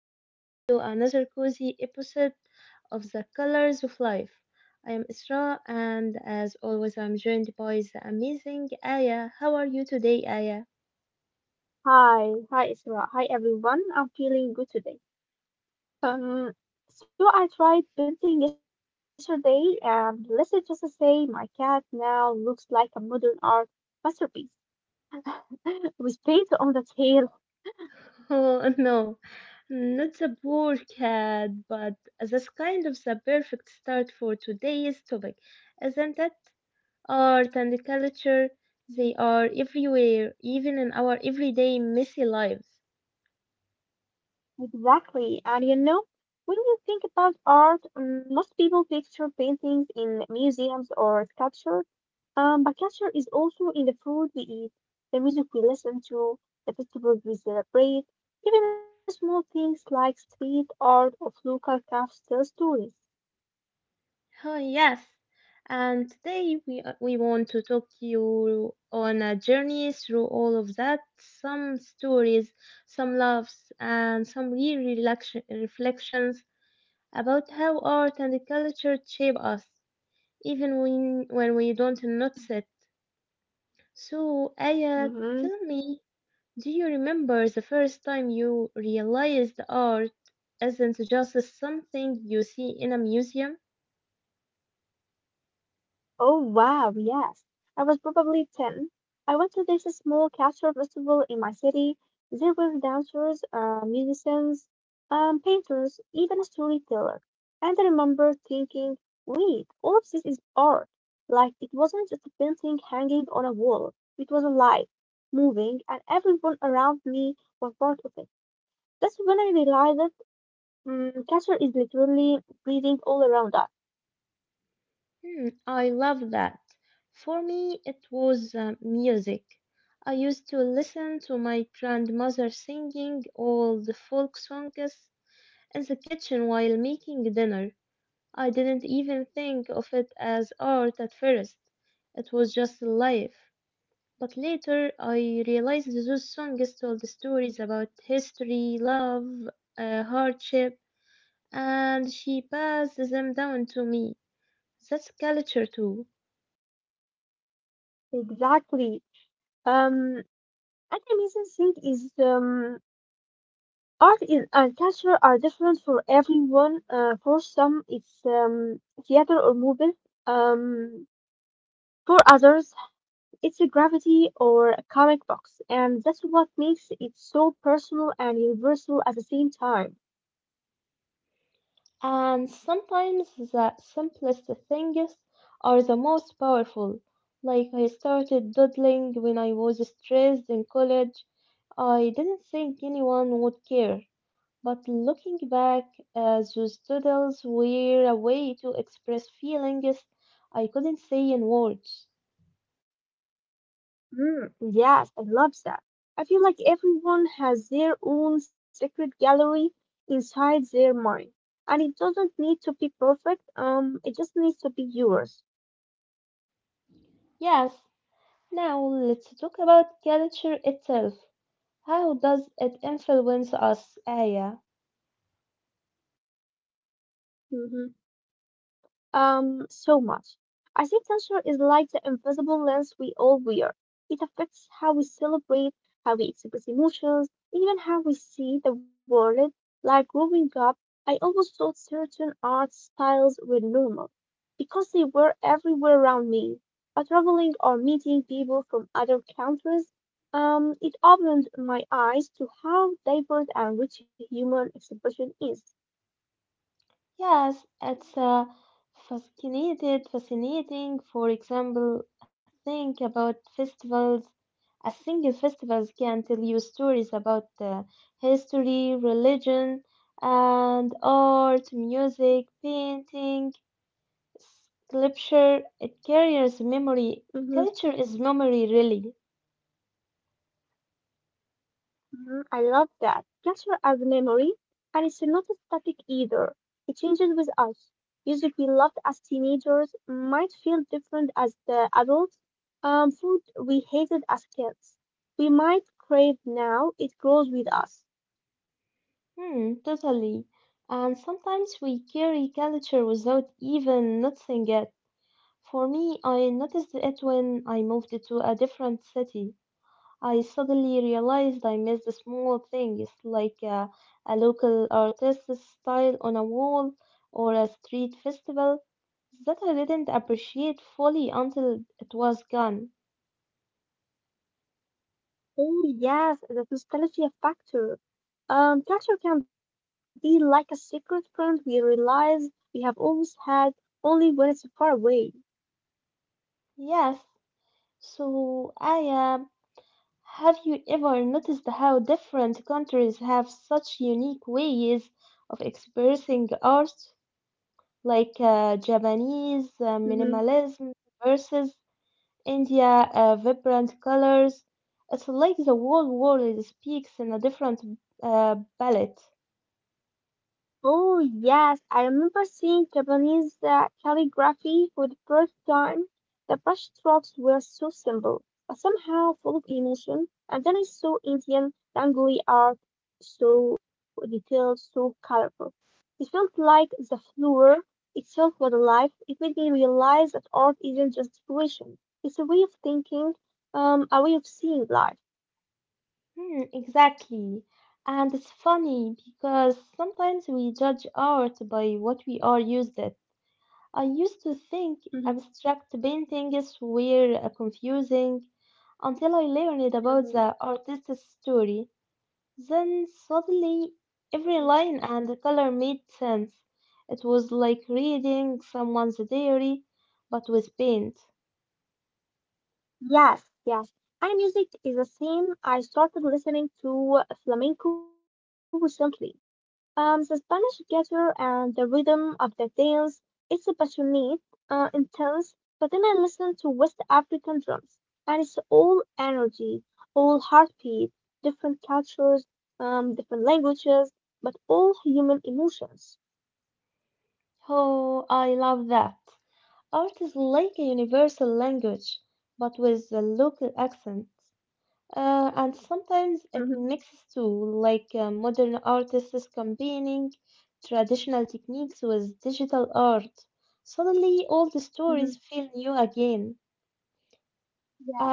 Welcome to another cozy episode of The Colors of Life. I am Isra and as always I'm joined by the amazing Aya. How are you today, Aya? Hi Isra. Hi everyone. I'm feeling good today. Um, so I tried painting yesterday, and let's just say my cat now looks like a modern art masterpiece with paint on the tail. Oh no, not a poor cat, but that's kind of the perfect start for today's topic, isn't it? Art and culture, they are everywhere, even in our everyday messy lives. Exactly. And you know, when you think about art, most people picture paintings in museums or sculptures. But culture is also in the food we eat, the music we listen to, the festivals we celebrate. Even small things like street art of local crafts tell stories. Oh yes, and today we want to talk you on a journey through all of that. Some stories, some laughs, and some real reflections about how art and culture shape us, even when we don't notice it. So, Aya, tell Mhm. me, do you remember the first time you realized art isn't just something you see in a museum? Oh wow, yes. I was probably 10. I went to this small cultural festival in my city. There were dancers, musicians, painters, even a storyteller. And I remember thinking, wait, all of this is art. Like, it wasn't just a painting hanging on a wall. It was alive, moving, and everyone around me was part of it. That's when I realized that culture is literally breathing all around us. Hmm, I love that. For me, it was music. I used to listen to my grandmother singing all the folk songs in the kitchen while making dinner. I didn't even think of it as art at first. It was just life. But later, I realized those songs told stories about history, love, hardship, and she passed them down to me. That's culture too. Exactly. Um, And the amazing thing is art is, and culture are different for everyone. For some, it's theater or movies. Um, for others, it's a gravity or a comic box, and that's what makes it so personal and universal at the same time. And sometimes the simplest things are the most powerful. Like I started doodling when I was stressed in college. I didn't think anyone would care, but looking back, those doodles were a way to express feelings I couldn't say in words. Mm, yes, I love that. I feel like everyone has their own secret gallery inside their mind, and it doesn't need to be perfect. It just needs to be yours. Yes, now let's talk about culture itself. How does it influence us, Aya? Mm-hmm. So much. I think culture is like the invisible lens we all wear. It affects how we celebrate, how we express emotions, even how we see the world. Like growing up, I always thought certain art styles were normal because they were everywhere around me. But traveling or meeting people from other countries, it opened my eyes to how diverse and rich human expression is. Yes, it's fascinating. For example, think about festivals. A single festivals can tell you stories about history, religion, and art, music, painting, sculpture. It carries memory. Mhm. Culture is memory, really. Mhm, I love that. Culture as memory, and it's not static either. It changes with us. Music we loved as teenagers might feel different as the adults. Food we hated as kids, we might crave now. It grows with us. Hmm, totally. And sometimes we carry culture without even noticing it. For me, I noticed it when I moved to a different city. I suddenly realized I missed the small things like a local artist's style on a wall or a street festival that I didn't appreciate fully until it was gone. Oh yes, the nostalgia factor. Culture can be like a secret friend we realize we have always had, only when it's far away. Yes, so I Have you ever noticed how different countries have such unique ways of expressing art? Like Mm-hmm. Japanese minimalism versus India vibrant colors. It's like the whole world speaks in a different palette. Oh, yes, I remember seeing Japanese calligraphy for the first time. The brushstrokes were so simple, but somehow full of emotion. And then I saw Indian Rangoli art, so detailed, so colorful. It felt like the floor itself was alive. It made me realize that art isn't just expression; it's a way of thinking, a way of seeing life. Hmm, exactly. And it's funny because sometimes we judge art by what we are used at. I used to think Mhm, abstract paintings were confusing until I learned about the mhm. artist's story. Then suddenly every line and color made sense. It was like reading someone's diary, but with paint. Yes, yes. And music is the same. I started listening to flamenco recently. The Spanish guitar and the rhythm of the dance, it's passionate, intense, but then I listen to West African drums, and it's all energy, all heartbeat, different cultures, different languages, but all human emotions. Oh, I love that. Art is like a universal language, but with a local accent. And sometimes it Hmm. mixes too, like modern artists combining traditional techniques with digital art. Suddenly, all the stories Hmm. feel new again.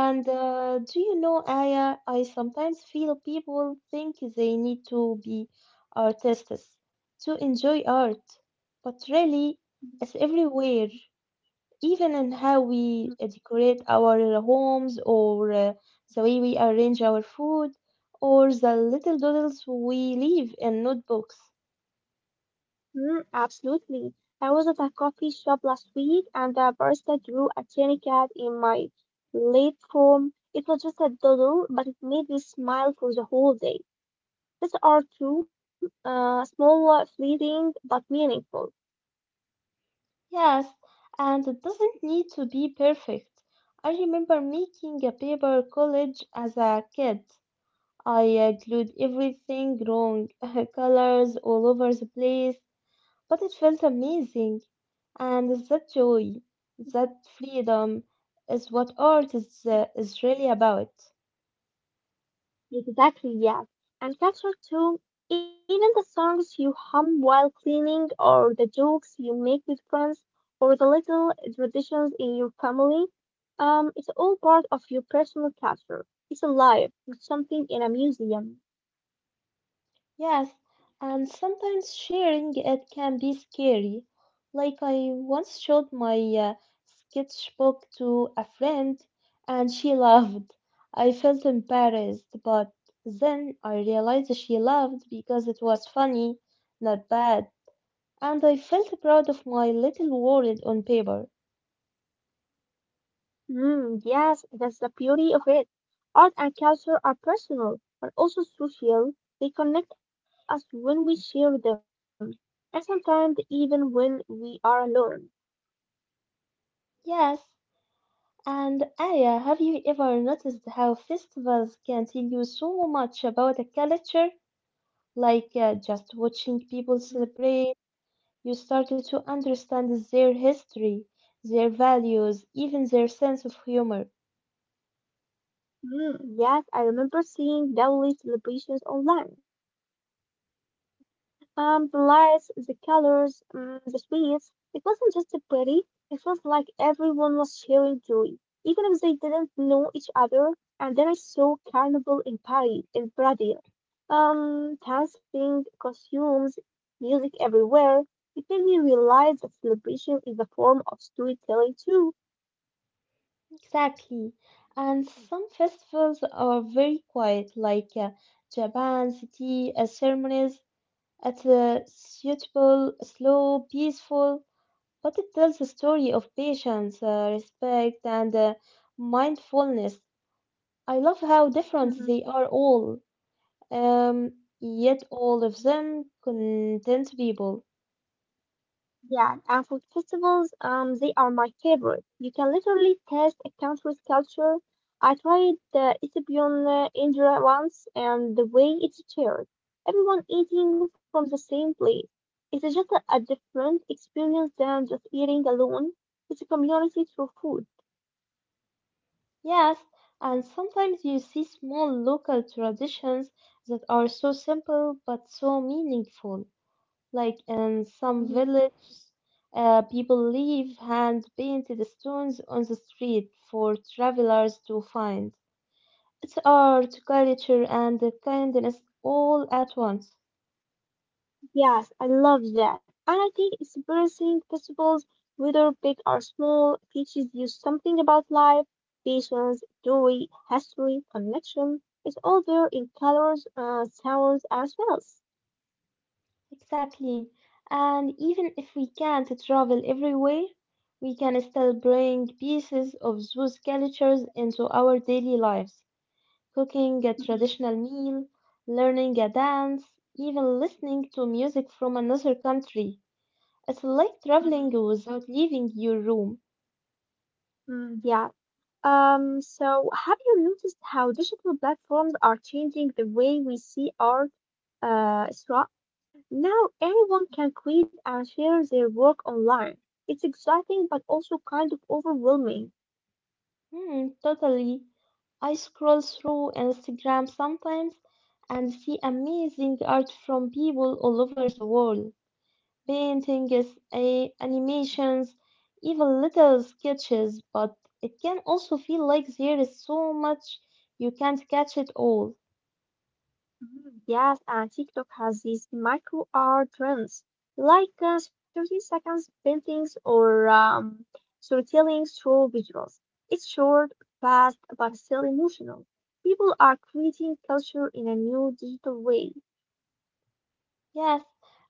Yeah. Do you know, Aya, I sometimes feel people think they need to be artists to enjoy art, but really, Mm-hmm, it's mm-hmm. everywhere, even in how we decorate our homes or the way we arrange our food or the little doodles we leave in notebooks. Mm, absolutely. I was at a coffee shop last week and the barista drew a tiny cat in my late form. It was just a doodle, but it made me smile for the whole day. That's art too, small, fleeting, but meaningful. Yes, and it doesn't need to be perfect. I remember making a paper collage as a kid. I glued everything wrong, colors all over the place, but it felt amazing. And that joy, that freedom, is what art is really about. Exactly, yes. And culture too, even the songs you hum while cleaning, or the jokes you make with friends, or the little traditions in your family, it's all part of your personal culture. It's alive, not something in a museum. Yes, and sometimes sharing it can be scary. Like, I once showed my sketchbook to a friend and she laughed. I felt embarrassed, but then I realized she laughed because it was funny, not bad, and I felt proud of my little world on paper. Mm, yes, that's the beauty of it. Art and culture are personal, but also social. They connect us when we share them, and sometimes even when we are alone. Yes, and Aya, have you ever noticed how festivals can tell you so much about a culture? Like just watching people celebrate, you started to understand their history, their values, even their sense of humor. Mm, yes, I remember seeing Diwali celebrations online. The lights, the colors, the sweets. It wasn't just pretty. It felt like everyone was sharing joy, even if they didn't know each other. And then I saw Carnival in Paris, in Brazil. Dancing, costumes, music everywhere. It made me realize that celebration is a form of storytelling too. Exactly. And some festivals are very quiet, like Japan city ceremonies at a suitable, slow, peaceful, but it tells a story of patience, respect, and mindfulness. I love how different Mm-hmm. they are all. Um, Yet all of them content people. Yeah, and food festivals, they are my favorite. You can literally taste a country's culture. I tried the Ethiopian injera once, and the way it's shared, everyone eating from the same plate. It's just a different experience than just eating alone. It's a community through food. Yes, and sometimes you see small local traditions that are so simple but so meaningful. Like in some Mm-hmm. villages, people leave hand-painted stones on the street for travelers to find. It's art, culture, and kindness all at once. Yes, I love that. And I think experiencing festivals, whether big or small, teaches you something about life, patience, joy, history, connection. It's all there in colors, sounds, and smells. Exactly. And even if we can't travel everywhere, we can still bring pieces of those cultures into our daily lives. Cooking a Mhm, traditional meal, learning a dance, even listening to music from another country. It's like mhm. traveling without leaving your room. Mm, yeah. So have you noticed how digital platforms are changing the way we see art, Isra? Now anyone can create and share their work online. It's exciting but also kind of overwhelming. Hmm, totally. I scroll through Instagram sometimes and see amazing art from people all over the world. Painting, is a animations, even little sketches, but it can also feel like there is so much you can't catch it all. Mm, yes, and TikTok has these micro art trends, like 30 seconds paintings or storytelling through visuals. It's short, fast, but still emotional. People are creating culture in a new digital way. Yes,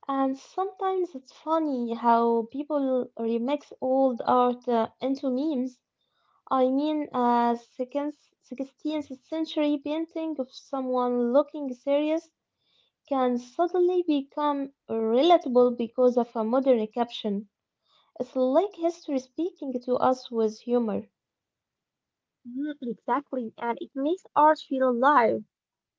and sometimes it's funny how people remix old art into memes. I mean, a second, 16th century painting of someone looking serious can suddenly become relatable because of a modern caption. It's like history speaking to us with humor. Mm, exactly, and it makes art feel alive.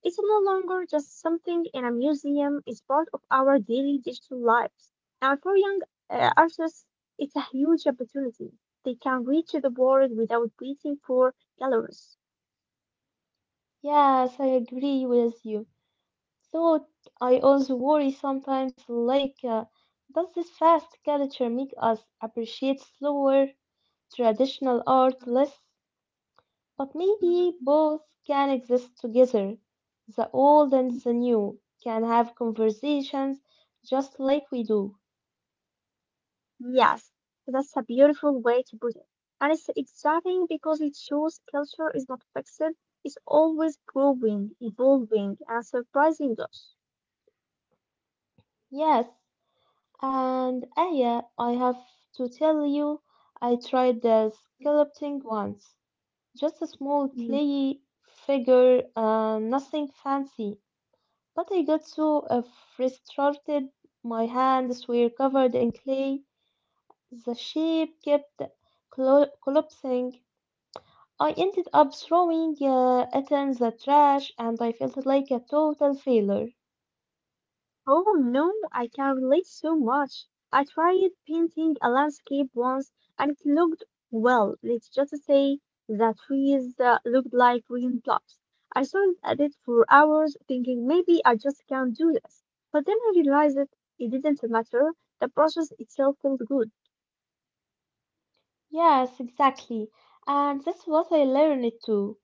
It's no longer just something in a museum, it's part of our daily digital lives. And for young artists, it's a huge opportunity. They can reach the world without waiting for galleries. Yes, I agree with you. Though I also worry sometimes, like, does this fast culture make us appreciate slower, traditional art less? But Mhm. maybe both can exist together. The old and the new can have conversations just like we do. Yes, that's a beautiful way to put it. And it's exciting because it shows culture is not fixed, it's always growing, evolving, and surprising us. Yes, and Aya, I have to tell you, I tried the sculpting once. Just a small clay figure, nothing fancy. But I got so frustrated, my hands were covered in clay, the shape kept collapsing. I ended up throwing it in the trash and I felt like a total failure. Oh no, I can relate so much. I tried painting a landscape once and it looked, well, let's just say the trees looked like green blobs. I stared at it for hours thinking maybe I just can't do this. But then I realized that it didn't matter. The process itself felt good. Yes, exactly. And that's what I learned too.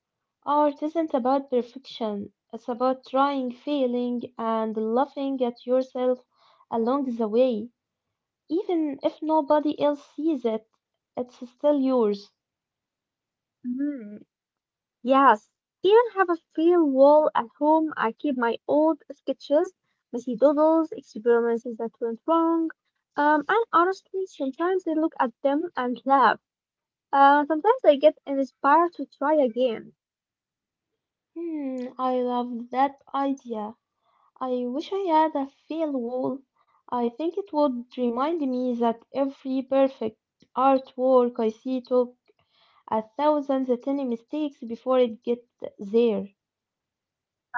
Art isn't about perfection, it's about trying, failing, and laughing at yourself along the way. Even if nobody else sees it, it's still yours. Mhm. Yes, even have a fail wall at home. I keep my old sketches, messy doodles, experiments that went wrong. And honestly, sometimes I look at them and laugh. Sometimes I get inspired to try again. Hmm, I love that idea. I wish I had a fail wall. I think it would remind me that every perfect artwork I see took a thousand tiny mistakes before it gets there.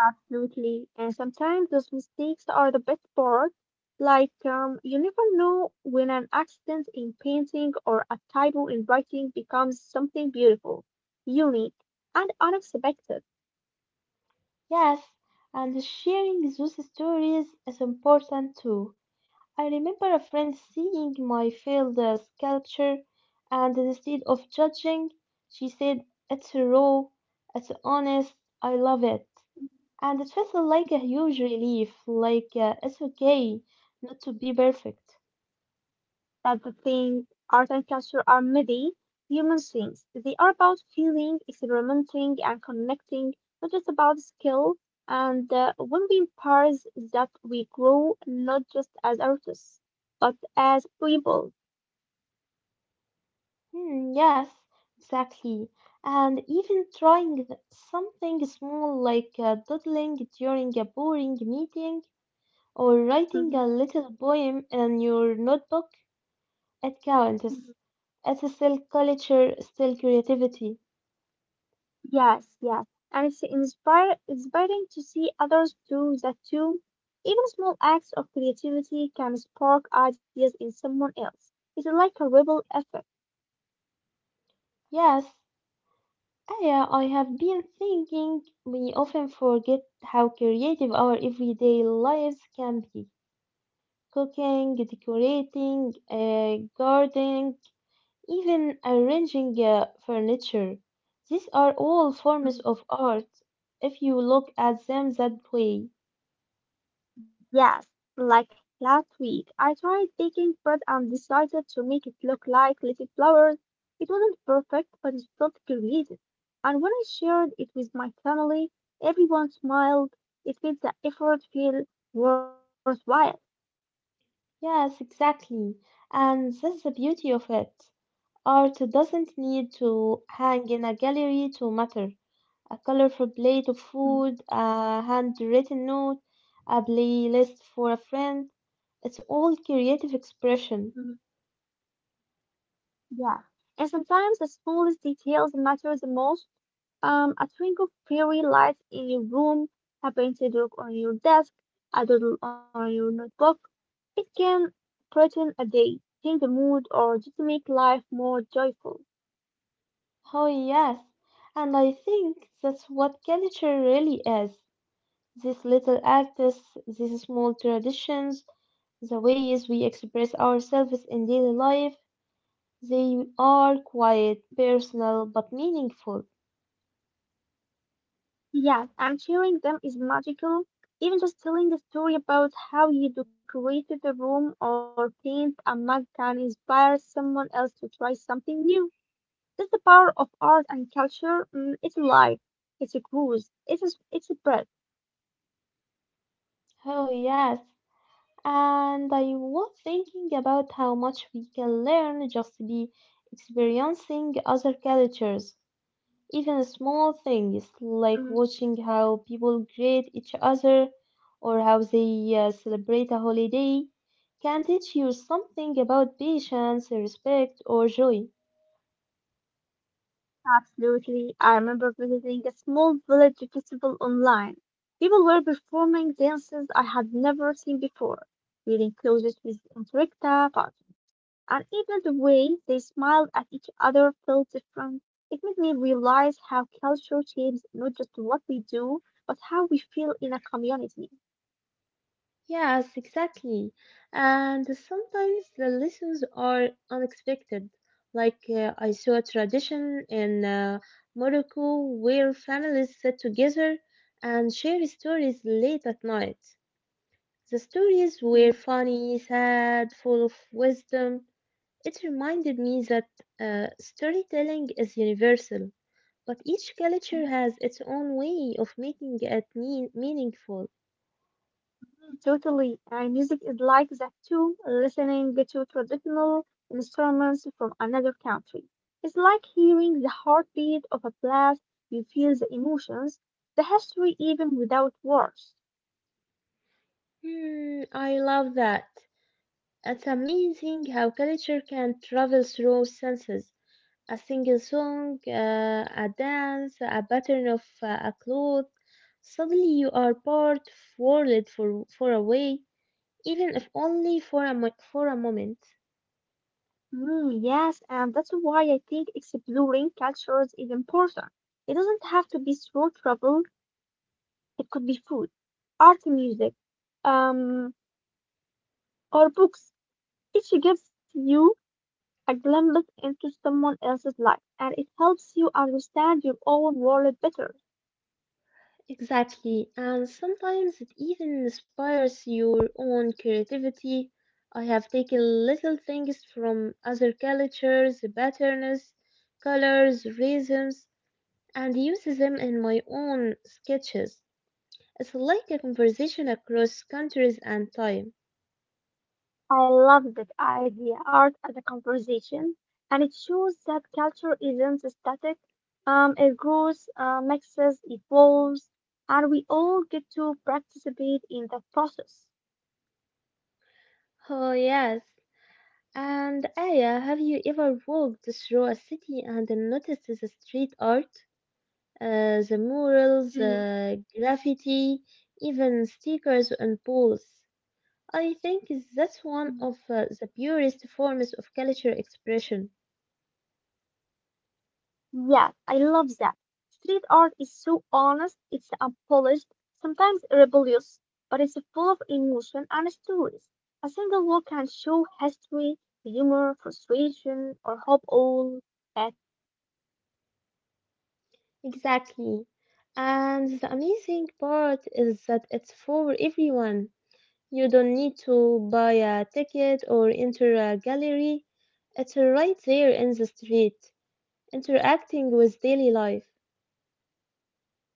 Absolutely. And sometimes those mistakes are the best part. Like, you never know when an accident in painting or a typo in writing becomes something beautiful, unique, and unexpected. Yes, and sharing those stories is important too. I remember a friend seeing my failed sculpture, and instead of judging, she said, "It's raw, it's honest, I love it." And it felt like a huge relief, like it's okay not to be perfect. That the thing art and culture are midi human things. They are about feeling, experimenting, and connecting, not just about skill. And when we embrace that, we grow not just as artists, but as people. Hmm, yes, exactly. And even trying something small like doodling during a boring meeting or writing Mhm, a little poem in your notebook. It counts. mhm. It's still culture, still creativity. Yes, yes. And it's inspiring to see others do that too. Even small acts of creativity can spark ideas in someone else. It's like a ripple effect. Yes, Aya, I have been thinking we often forget how creative our everyday lives can be. Cooking, decorating, gardening, even arranging furniture. These are all forms of art if you look at them that way. Yes, like last week, I tried baking bread and decided to make it look like little flowers. It wasn't perfect, but it felt creative. And when I shared it with my family, everyone smiled. It made the effort feel worthwhile. Yes, exactly. And that's the beauty of it. Art doesn't need to hang in a gallery to matter. A colorful plate of food, a handwritten note, a playlist for a friend. It's all creative expression. Yeah, and sometimes the smallest details matter the most. A twinkle of fairy lights in your room, a painted look on your desk, a doodle on your notebook. It can brighten a day, change the mood, or just make life more joyful. Oh, yes. And I think that's what culture really is. These little acts, these small traditions, the ways we express ourselves in daily life, they are quite personal but meaningful. Yes, and sharing them is magical. Even just telling the story about how you decorated the room or paint a mug can inspire someone else to try something new. That's the power of art and culture. Mm, it's life. It's a cruise. It's a breath. Oh, yes. And I was thinking about how much we can learn just by experiencing other cultures, even small things Mm, like watching how people greet each other or how they celebrate a holiday can teach you something about patience, respect, or joy. absolutely. I remember visiting a small village festival online. People were performing dances I had never seen before, wearing clothes with interactive patterns. And even the way they smiled at each other felt different. It made me realize how culture shapes not just what we do, but how we feel in a community. Yes, exactly. And sometimes the lessons are unexpected. Like I saw a tradition in Morocco where families sit together and share stories late at night. The stories were Mm. funny, sad, full of wisdom. It reminded me that storytelling is universal, but each culture has its own way of making it meaningful. Totally. And music is like that too, listening to traditional instruments from another country. It's like hearing the heartbeat of a place. You feel the emotions, the history even without words. Hmm, I love that. It's amazing how culture can travel through senses. A single song, a dance, a pattern of a cloth. Suddenly you are part of world for a way, even if only for for a moment. Mm, yes, and that's why I think exploring cultures is important. It doesn't have to be through travel, it could be food, art, music, um, or books. Each gives you a glimpse into someone else's life and it helps you understand your own world better. Exactly, and sometimes it even inspires your own creativity. I have taken little things from other cultures, patterns, colors, rhythms, and use them in my own sketches. It's like a conversation across countries and time. I love that idea, art as a conversation, and it shows that culture isn't static. It grows, mixes, evolves, and we all get to participate in the process. Oh, yes. And Aya, have you, ever walked through a city and noticed the street art, the murals, Mhm. the graffiti, even stickers on walls? I think that's one of the purest forms of cultural expression. Yes, I love that. Street art is so honest, it's unpolished, sometimes rebellious, but it's full of emotion and stories. A single wall can show history, humor, frustration, or hope all at once. Exactly. And the amazing part is that it's for everyone. You don't need to buy a ticket or enter a gallery. It's right there in the street, interacting with daily life.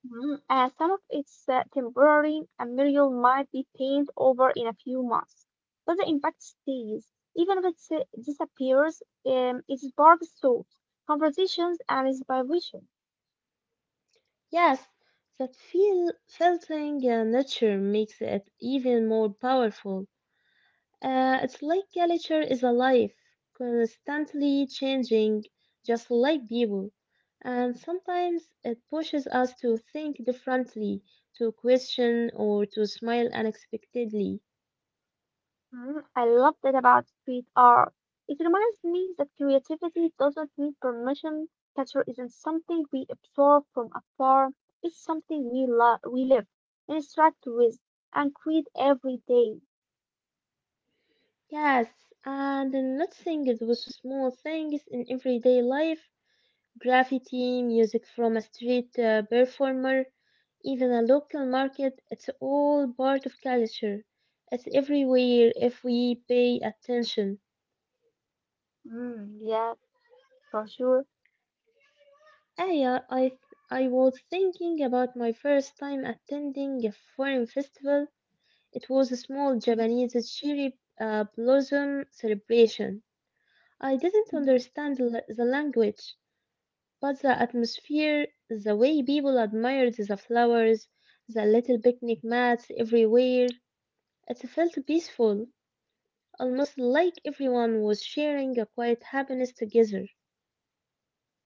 Mhm. Some of it's temporary, a mural might be painted over in a few months, but the impact stays. Even if it disappears, it sparks thoughts, conversations, and inspiration. Yes, that feel filtering nature makes it even more powerful. It's like literature is alive, constantly changing, just like people. And sometimes it pushes us to think differently, to question, or to smile unexpectedly. Mm, I love that about street art. It reminds me that creativity doesn't need permission. Culture isn't something we absorb from afar. It's something we love, we live, interact with, and create every day. Yes, and not singles was small things in everyday life, graffiti, music from a street performer, even a local market, it's all part of culture. It's everywhere if we pay attention. Mm, yeah, for sure. Aya, I, th- I was thinking about my first time attending a foreign festival. It was a small Mhm. Japanese cherry blossom celebration. I didn't understand the language. But the atmosphere, the way people admired the flowers, the little picnic mats everywhere, it felt peaceful, almost like everyone was sharing a quiet happiness together.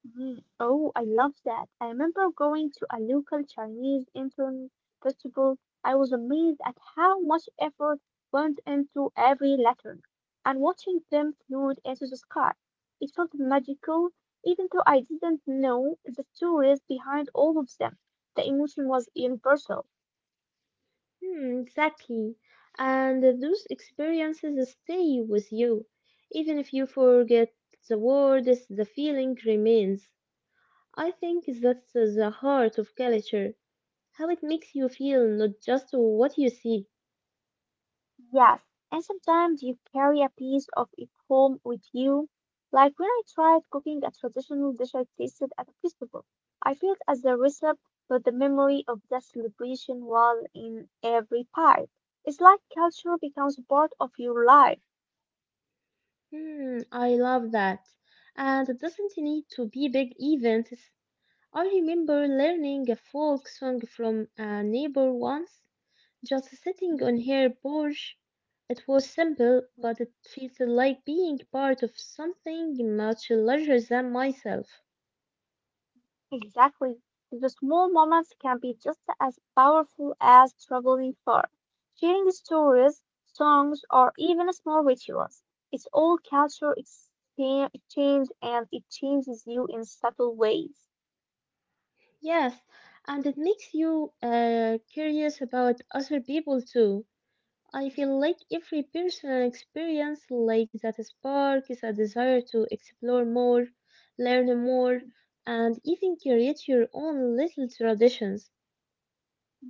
Mm, oh, I love that. I remember going to a local Chinese intern festival. I was amazed at how much effort went into every lantern and watching them float into the sky. It felt magical, even though I didn't know the stories behind all of them. The emotion was universal. Hmm, exactly. And those experiences stay with you. Even if you forget the words, the feeling remains. I think that's the heart of culture, how it makes you feel, not just what you see. Yes, and sometimes you carry a piece of it home with you. Like when I tried cooking a traditional dish I tasted at a festival, I felt as the recipe, but the memory of the celebration was in every bite. It's like culture becomes part of your life. Hmm, I love that. And it doesn't need to be big events. I remember learning a folk song from a neighbor once, just sitting on her porch. It was simple, but it felt like being part of something much larger than myself. Exactly. The small moments can be just as powerful as traveling far. Sharing stories, songs, or even small rituals. It's all culture exchange and it changes you in subtle ways. Yes, and it makes you curious about other people too. I feel like every personal experience like that sparks a desire to explore more, learn more, and even create your own little traditions.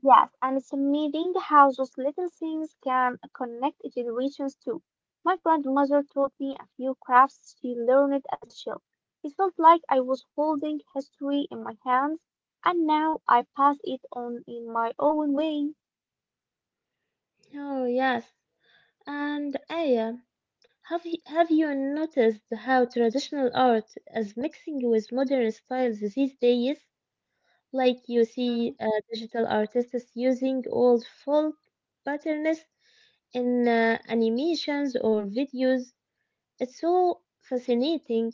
Yes, and it's amazing how those little things can connect generations too. My grandmother taught me a few crafts she learned as a child. It felt like I was holding history in my hands, and now I pass it on in my own way. Oh yes, and Aya, have you noticed how traditional art is mixing with modern styles these days? Like you Mm. see digital artists using old folk patterns in animations or videos. It's so fascinating.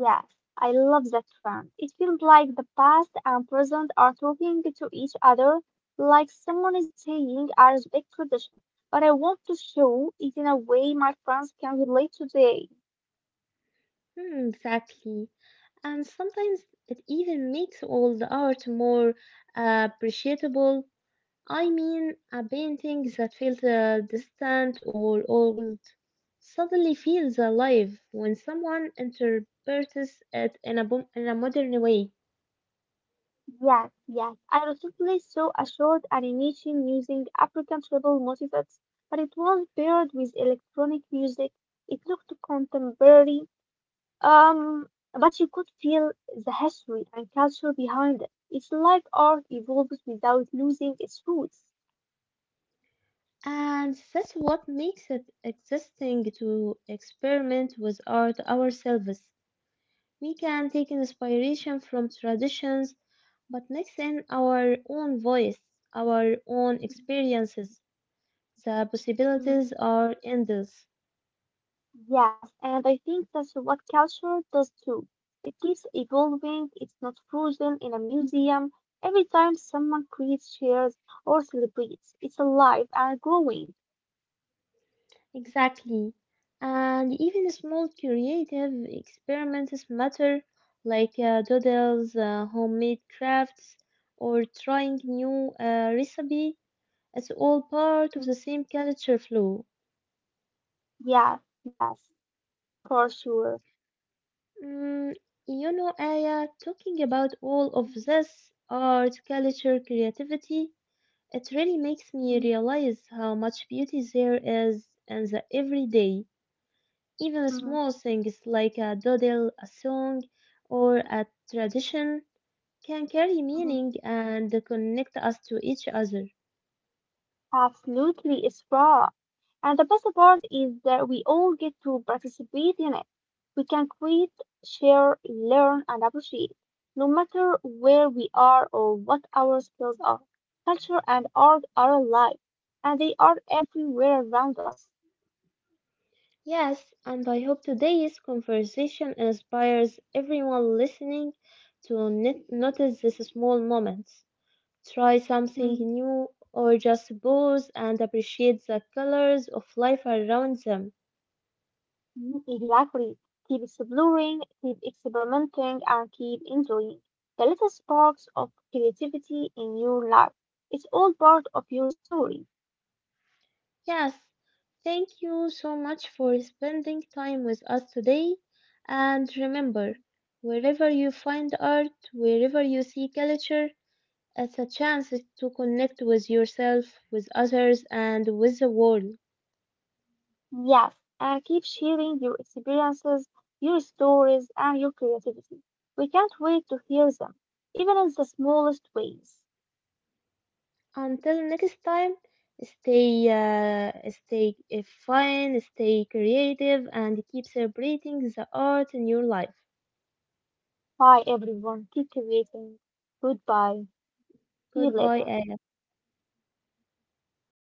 Yes, I love that term. It feels like the past and present are talking to each other, like someone is saying, I respect tradition, but I want to show it in a way my friends can relate today. Hmm, exactly. And sometimes it even makes all the art more appreciable. I mean, a painting that feels distant or old suddenly feels alive when someone interprets it in in a modern way. Yes, yes. I recently saw a short animation using African tribal motifs, but it was paired with electronic music. It looked contemporary, um, but you could feel the history and culture behind it. It's like art evolves without losing its roots. And that's what makes it existing to experiment with art ourselves. We can take inspiration from traditions, but Nixon, our own voice, our own experiences, the possibilities are endless. Yes, and I think that's what culture does too. It keeps evolving, it's not frozen in a museum. Every time someone creates, shares, or celebrates, it's alive and growing. Exactly. And even small creative experiments matter, like doodles, homemade crafts, or trying new recipe. It's all part of Mm, the same culture flow. yeah, yes, for sure. Mm, you know, Aya, talking about all of this art, culture, creativity, it really makes Mhm, me realize how much beauty there is in the everyday, even mhm, small things like a doodle, a song, or a tradition can carry mhm. meaning and connect us to each other. Absolutely, it's raw. And the best part is that we all get to participate in it. We can create, share, learn, and appreciate, no matter where we are or what our skills are. Culture and art are alive, and they are everywhere around us. Yes, and I hope today's conversation inspires everyone listening to notice these small moments, try something Mm. new, or just pause and appreciate the colors of life around them. Mm, exactly. Keep exploring, keep experimenting, and keep enjoying the little sparks of creativity in your life. It's all part of your story. Yes, thank you so much for spending time with us today. And remember, wherever you find art, wherever you see culture, it's a chance to connect with yourself, with others, and with the world. Yes, and keep sharing your experiences, your stories, and your creativity. We can't wait to hear them, even in the smallest ways. Until next time, stay, stay fine, stay creative, and keep celebrating the art in your life. Bye, everyone. Keep creating. Goodbye. See you Goodbye, later.